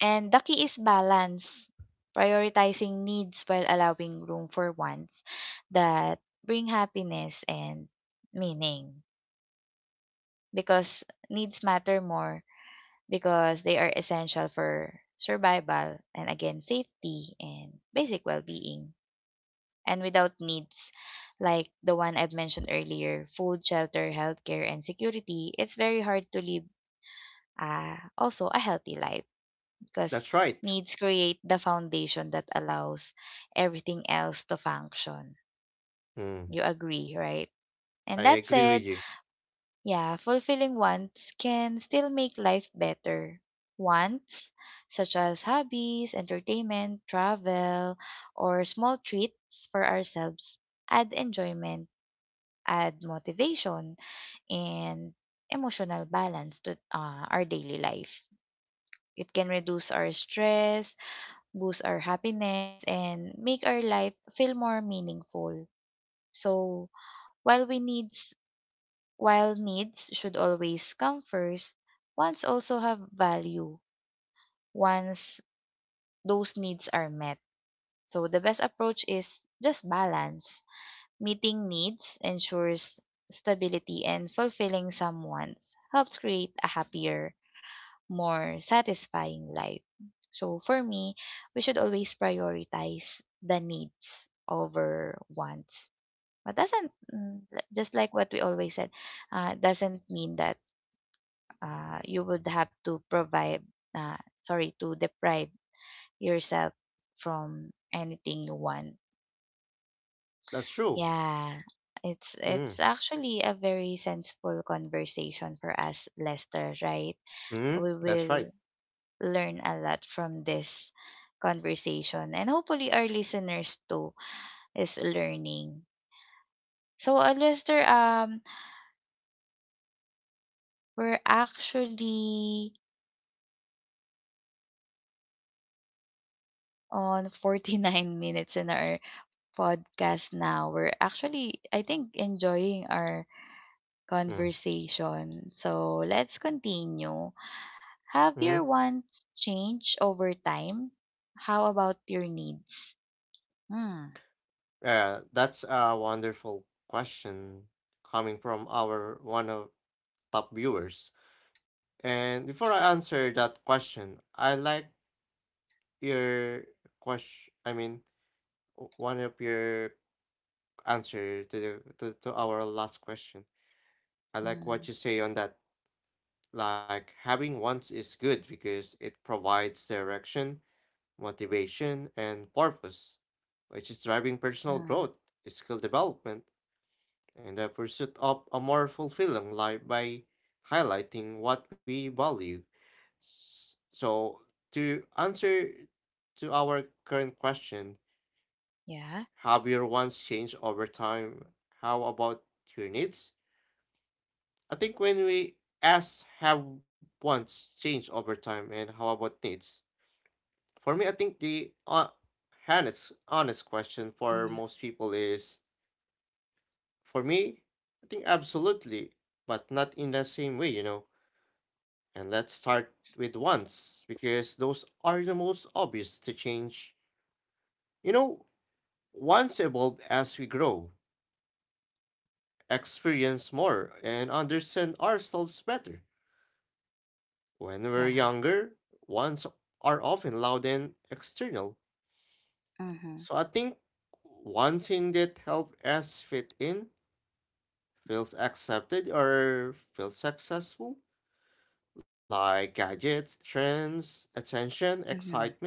S1: And the key is balance, prioritizing needs while allowing room for wants that bring happiness and meaning, because needs matter more because they are essential for survival and again safety and basic well-being, and without needs like the one I've mentioned earlier, food, shelter, healthcare, and security, it's very hard to live also a healthy life,
S2: That's
S1: because
S2: right.
S1: needs create the foundation that allows everything else to function,
S2: Mm,
S1: you agree right?
S2: I
S1: And that
S2: agree with
S1: said,
S2: you.
S1: yeah, fulfilling wants can still make life better. Wants, such as hobbies, entertainment, travel, or small treats for ourselves, add enjoyment, add motivation, and emotional balance to our daily life. It can reduce our stress, boost our happiness, and make our life feel more meaningful. So, while we need while needs should always come first, wants also have value once those needs are met. So the best approach is just balance. Meeting needs ensures stability and fulfilling some wants helps create a happier, more satisfying life. So for me, we should always prioritize the needs over wants. But doesn't mm, just like what we always said, doesn't mean that you would have to provide, uh, sorry, to deprive yourself from anything you want.
S2: That's true.
S1: Yeah, it's
S2: Mm,
S1: it's actually a very sensible conversation for us, Lester. Right?
S2: mm,
S1: We
S2: that's right.
S1: will learn a lot from this conversation, and hopefully our listeners too is learning. So, Lester, we're actually on 49 minutes in our podcast now. We're actually, I think, enjoying our
S2: Mm,
S1: conversation. So let's continue. Have
S2: mm.
S1: your wants changed over time? How about your needs? Hmm.
S2: Yeah, that's a wonderful question coming from our one of top viewers. And before I answer that question, I like your question. I mean, one of your answer to the to our last question. I like
S1: Hmm.
S2: what you say on that. Like having wants is good because it provides direction, motivation, and purpose, which is driving personal
S1: Hmm.
S2: growth, skill development, and the pursuit of a more fulfilling life by highlighting what we value. So to answer to our current question,
S1: Yeah.
S2: have your wants changed over time? How about your needs? I think when we ask, have wants changed over time and how about needs? For me, I think the honest question for
S1: Mm-hmm.
S2: most people is, for me, I think absolutely, but not in the same way, you know. And let's start with wants because those are the most obvious to change. You know, wants evolve as we grow, experience more and understand ourselves better. When we're
S1: Yeah.
S2: younger, wants are often loud and external.
S1: Mm-hmm.
S2: So I think one thing that helps us fit in, feels accepted or feels successful, like gadgets, trends, attention,
S1: Mm-hmm.
S2: excitement.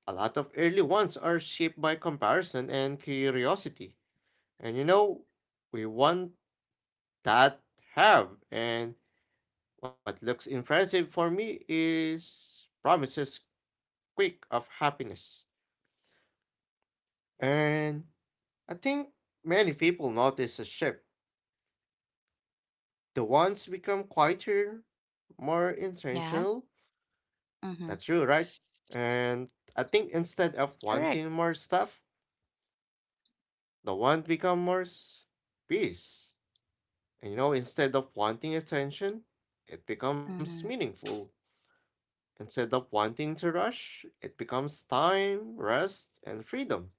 S2: A lot of early ones are shaped by comparison and curiosity. And you know, we want that have and what looks impressive for me is promises quick of happiness. And I think many people notice a shift. The ones become quieter, more intentional.
S1: Yeah.
S2: That's
S1: Mm-hmm.
S2: true, right? And I think instead of
S1: Correct.
S2: wanting more stuff, the want become more peace. And you know, instead of wanting attention, it becomes
S1: Mm-hmm.
S2: meaningful. Instead of wanting to rush, it becomes time, rest, and freedom.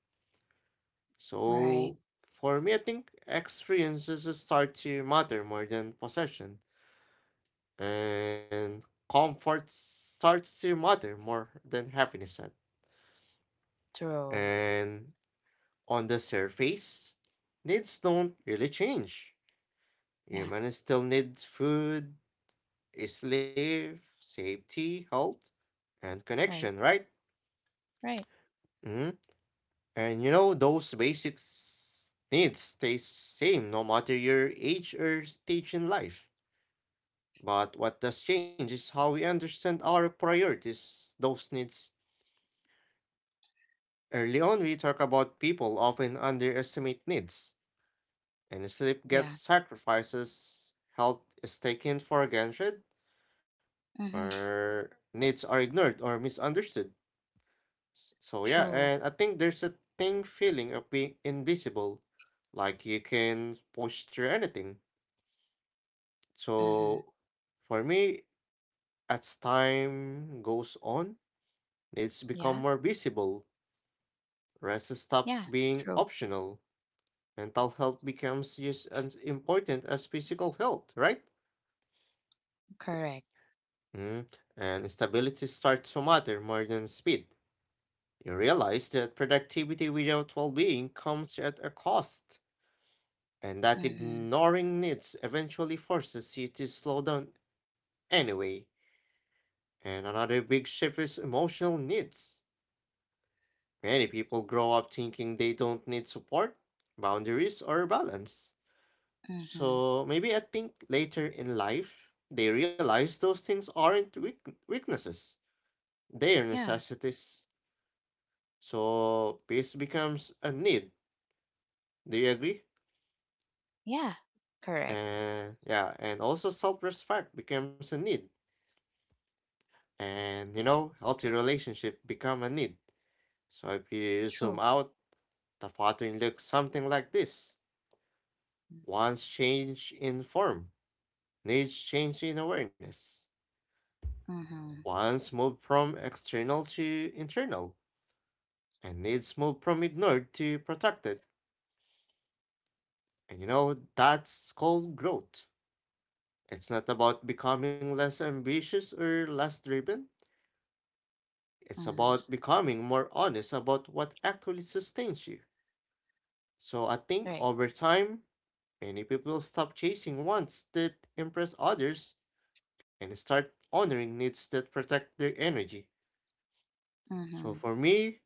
S1: Right.
S2: So, for me, I think experiences start to matter more than possession, and comfort starts to matter more than happiness. And
S1: True.
S2: and on the surface, needs don't really change.
S1: Yeah.
S2: Humans still need food, sleep, safety, health, and connection,
S1: Right.
S2: right?
S1: Right.
S2: Hmm. And you know, those basic needs stay same no matter your age or stage in life. But what does change is how we understand our priorities, those needs. Early on, we talk about people often underestimate needs, and sleep
S1: Yeah.
S2: gets sacrifices, health is taken for granted,
S1: Mm-hmm.
S2: or needs are ignored or misunderstood. Yeah,
S1: True.
S2: and I think there's a thing feeling of being invisible, like you can push through anything.
S1: Mm-hmm.
S2: So, for me, as time goes on, needs become
S1: Yeah.
S2: more visible. Rest
S1: Yeah.
S2: stops being
S1: True.
S2: optional. Mental health becomes just as important as physical health, right?
S1: Correct.
S2: Mm. And stability starts to matter more than speed. You realize that productivity without well being comes at a cost, and that
S1: Mm-hmm.
S2: ignoring needs eventually forces you to slow down anyway. And another big shift is emotional needs. Many people grow up thinking they don't need support, boundaries, or balance.
S1: Mm-hmm.
S2: So maybe I think later in life, they realize those things aren't weaknesses, they're
S1: Yeah.
S2: necessities. So peace becomes a need. Do you agree?
S1: Yeah, correct.
S2: And yeah, and also self respect becomes a need. And you know, healthy relationship become a need. So if you
S1: True.
S2: zoom out, the pattern looks something like this. One's change in form, needs change in awareness.
S1: Mm-hmm.
S2: One's move from external to internal and needs move from ignored to protected. And you know, that's called growth. It's not about becoming less ambitious or less driven.
S1: Mm-hmm.
S2: It's about becoming more honest about what actually sustains you. So I
S1: Right.
S2: think over time, many people stop chasing wants that impress others and start honoring needs that protect their energy.
S1: Mm-hmm.
S2: So for me,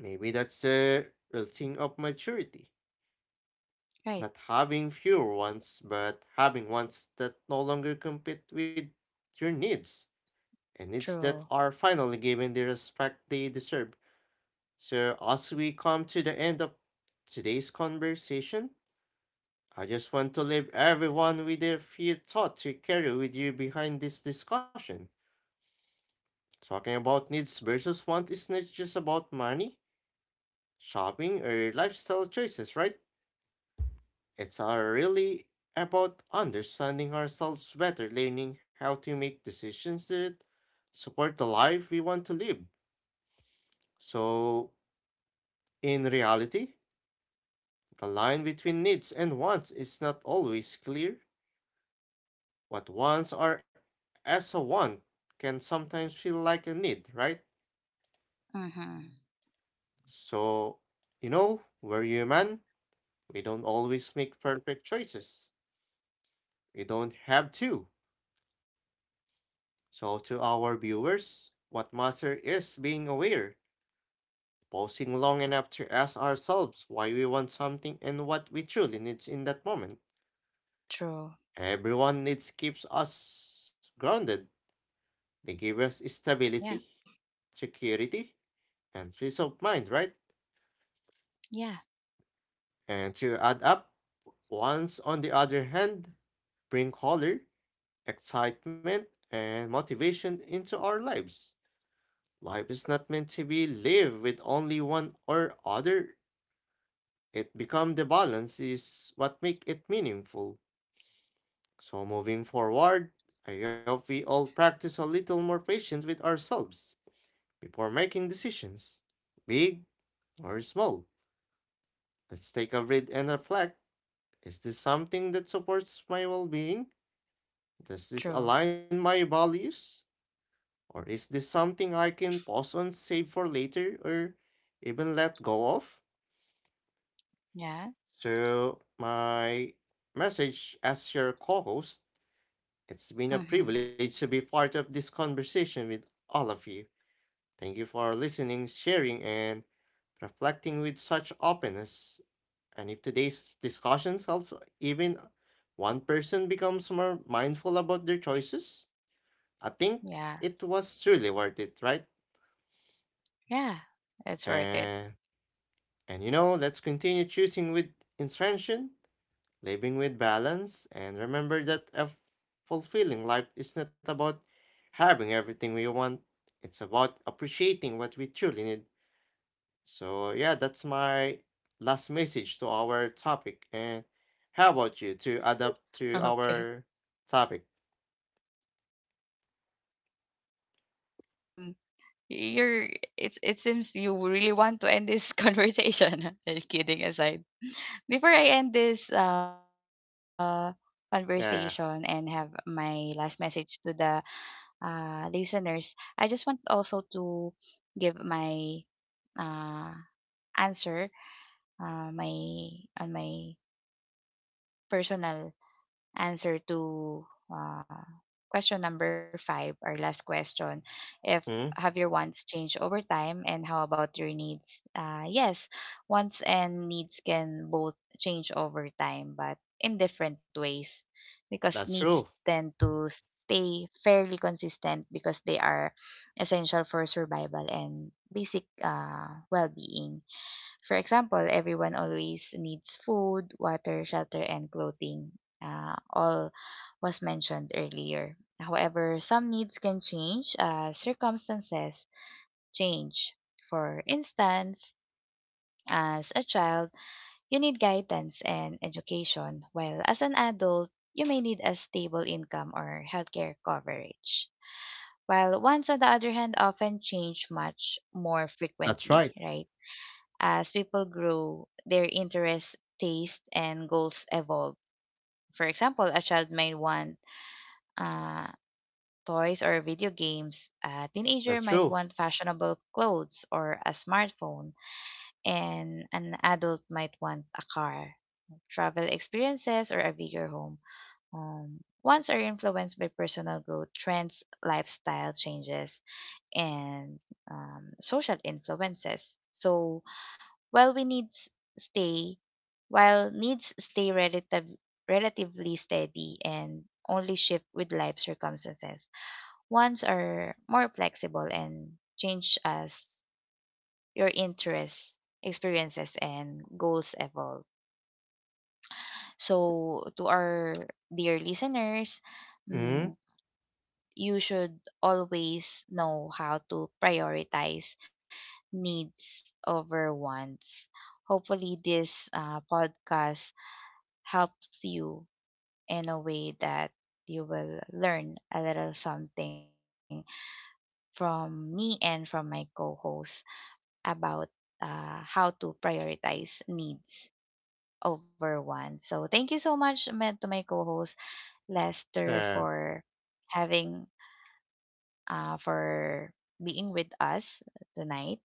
S2: maybe that's the real thing of maturity.
S1: Right.
S2: Not having fewer wants, but having wants that no longer compete with your needs, and needs that
S1: True.
S2: are finally given the respect they deserve. So, as we come to the end of today's conversation, I just want to leave everyone with a few thoughts to carry with you behind this discussion. Talking about needs versus wants is not just about money, shopping, or lifestyle choices, right? It's really about understanding ourselves better, learning how to make decisions that support the life we want to live. So, in reality, the line between needs and wants is not always clear. What wants are, as a want, can sometimes feel like a need, right?
S1: Mm-hmm.
S2: So, you know, we're human. We don't always make perfect choices. We don't have to. So, to our viewers, what matters is being aware, pausing long enough to ask ourselves why we want something and what we truly need in that moment.
S1: True.
S2: Everyone needs keeps us grounded. They give us
S1: Yeah.
S2: stability, security, and peace of mind, right?
S1: Yeah.
S2: And to add up, wants on the other hand bring color, excitement, and motivation into our lives. Life is not meant to be lived with only one or other, it become the balance is what make it meaningful. So moving forward, I hope we all practice a little more patience with ourselves before making decisions, big or small. Let's take a read and reflect. Is this something that supports my well-being? Does this align
S1: True.
S2: my values? Or is this something I can pause on, save for later, or even let go of?
S1: Yeah.
S2: So my message as your co-host, it's been a privilege to be
S1: Mm-hmm.
S2: part of this conversation with all of you. Thank you for listening, sharing, and reflecting with such openness. And if today's discussions help even one person becomes more mindful about their choices, I think it was truly
S1: Yeah.
S2: worth it, right?
S1: Yeah.
S2: And
S1: It's worth it.
S2: and you know, let's continue choosing with intention, living with balance, and remember that a fulfilling life is not about having everything we want, it's about appreciating what we truly need. So, yeah, that's my last message to our topic. And how about you to adapt to our
S1: Okay.
S2: topic?
S1: Okay, you already said your last message, Lester. Um you're it it seems you really want to end this conversation. Just kidding aside. Before I end this
S2: Yeah,
S1: conversation and have my last message to the listeners, I just want also to give my uh, answer my on my personal answer to question number five, our last question. If
S2: mm,
S1: have your wants changed over time, and how about your needs? Yes, wants and needs can both change over time, but in different ways, because
S2: that's
S1: needs
S2: true.
S1: tend to stay fairly consistent because they are essential for survival and basic well-being. For example, everyone always needs food, water, shelter, and clothing. All was mentioned earlier. However, some needs can change as circumstances change. For instance, as a child, you need guidance and education, while as an adult, you may need a stable income or healthcare coverage. While wants, on the other hand, often change much more
S2: That's
S1: frequently,
S2: right.
S1: right? As people grow, their interests, tastes, and goals evolve. For example, a child might want uh, toys or video games, a
S2: That's
S1: teenager
S2: true.
S1: might want fashionable clothes or a smartphone, and an adult might want a car, travel experiences, or a bigger home. Wants are influenced by personal growth, trends, lifestyle changes, and social influences. So, While we needs stay, while needs stay relatively steady and only shift with life circumstances, wants are more flexible and change as your interests, experiences, and goals evolve. So, to our dear listeners,
S2: Mm,
S1: mm, you should always know how to prioritize needs over wants. Hopefully, this podcast helps you in a way that you will learn a little something from me and from my co host about how to prioritize needs over wants. So, thank you so much to my co host, Lester,
S2: yeah,
S1: for having, for being with us tonight,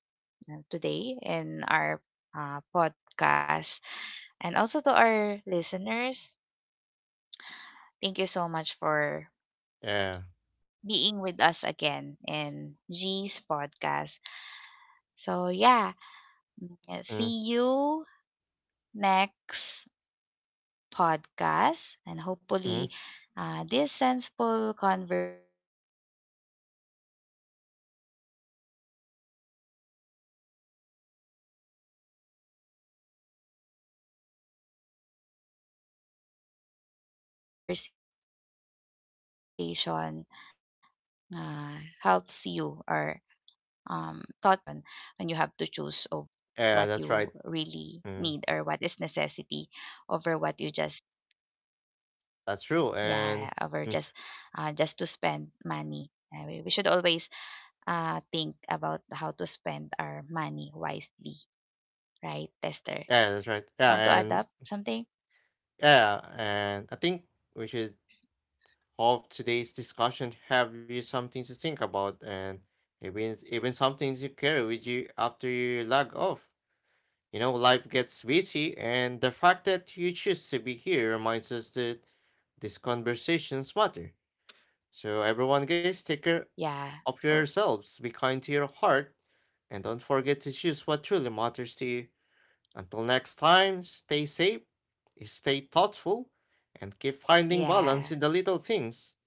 S1: today, in our podcast. And also to our listeners, thank you so much for
S2: yeah,
S1: being with us again in G's podcast. So, yeah, mm,
S2: mm,
S1: see you next podcast. And
S2: mm,
S1: hopefully, this sensible conversation uh, helps you or taught you on how to prioritize your needs over wants when you're already in that a situation when you have to choose over what you really need or what is necessity
S2: yeah, that's right.
S1: over what you just,
S2: Mm,
S1: yeah, over just to
S2: that's
S1: spend
S2: true. And
S1: money.
S2: mm,
S1: We should always think about how to spend our money wisely, right, Tester? Want to adapt
S2: yeah,
S1: something?
S2: that's right. Yeah, and I think we should hope today's discussion have you something to think about and even something to carry with you after you log off. You know, life gets busy, and the fact that you choose to be here reminds us that these conversations matter. So everyone, guys,
S1: Yeah,
S2: take care
S1: true.
S2: of yourselves, be kind to your heart, and don't forget to choose what truly matters to you. Until next time, stay safe, stay thoughtful,
S1: Yeah.
S2: and keep finding balance in the little things.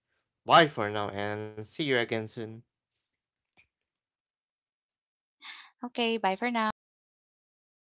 S2: Bye for now and see you again soon.
S1: Okay, bye for now. See you.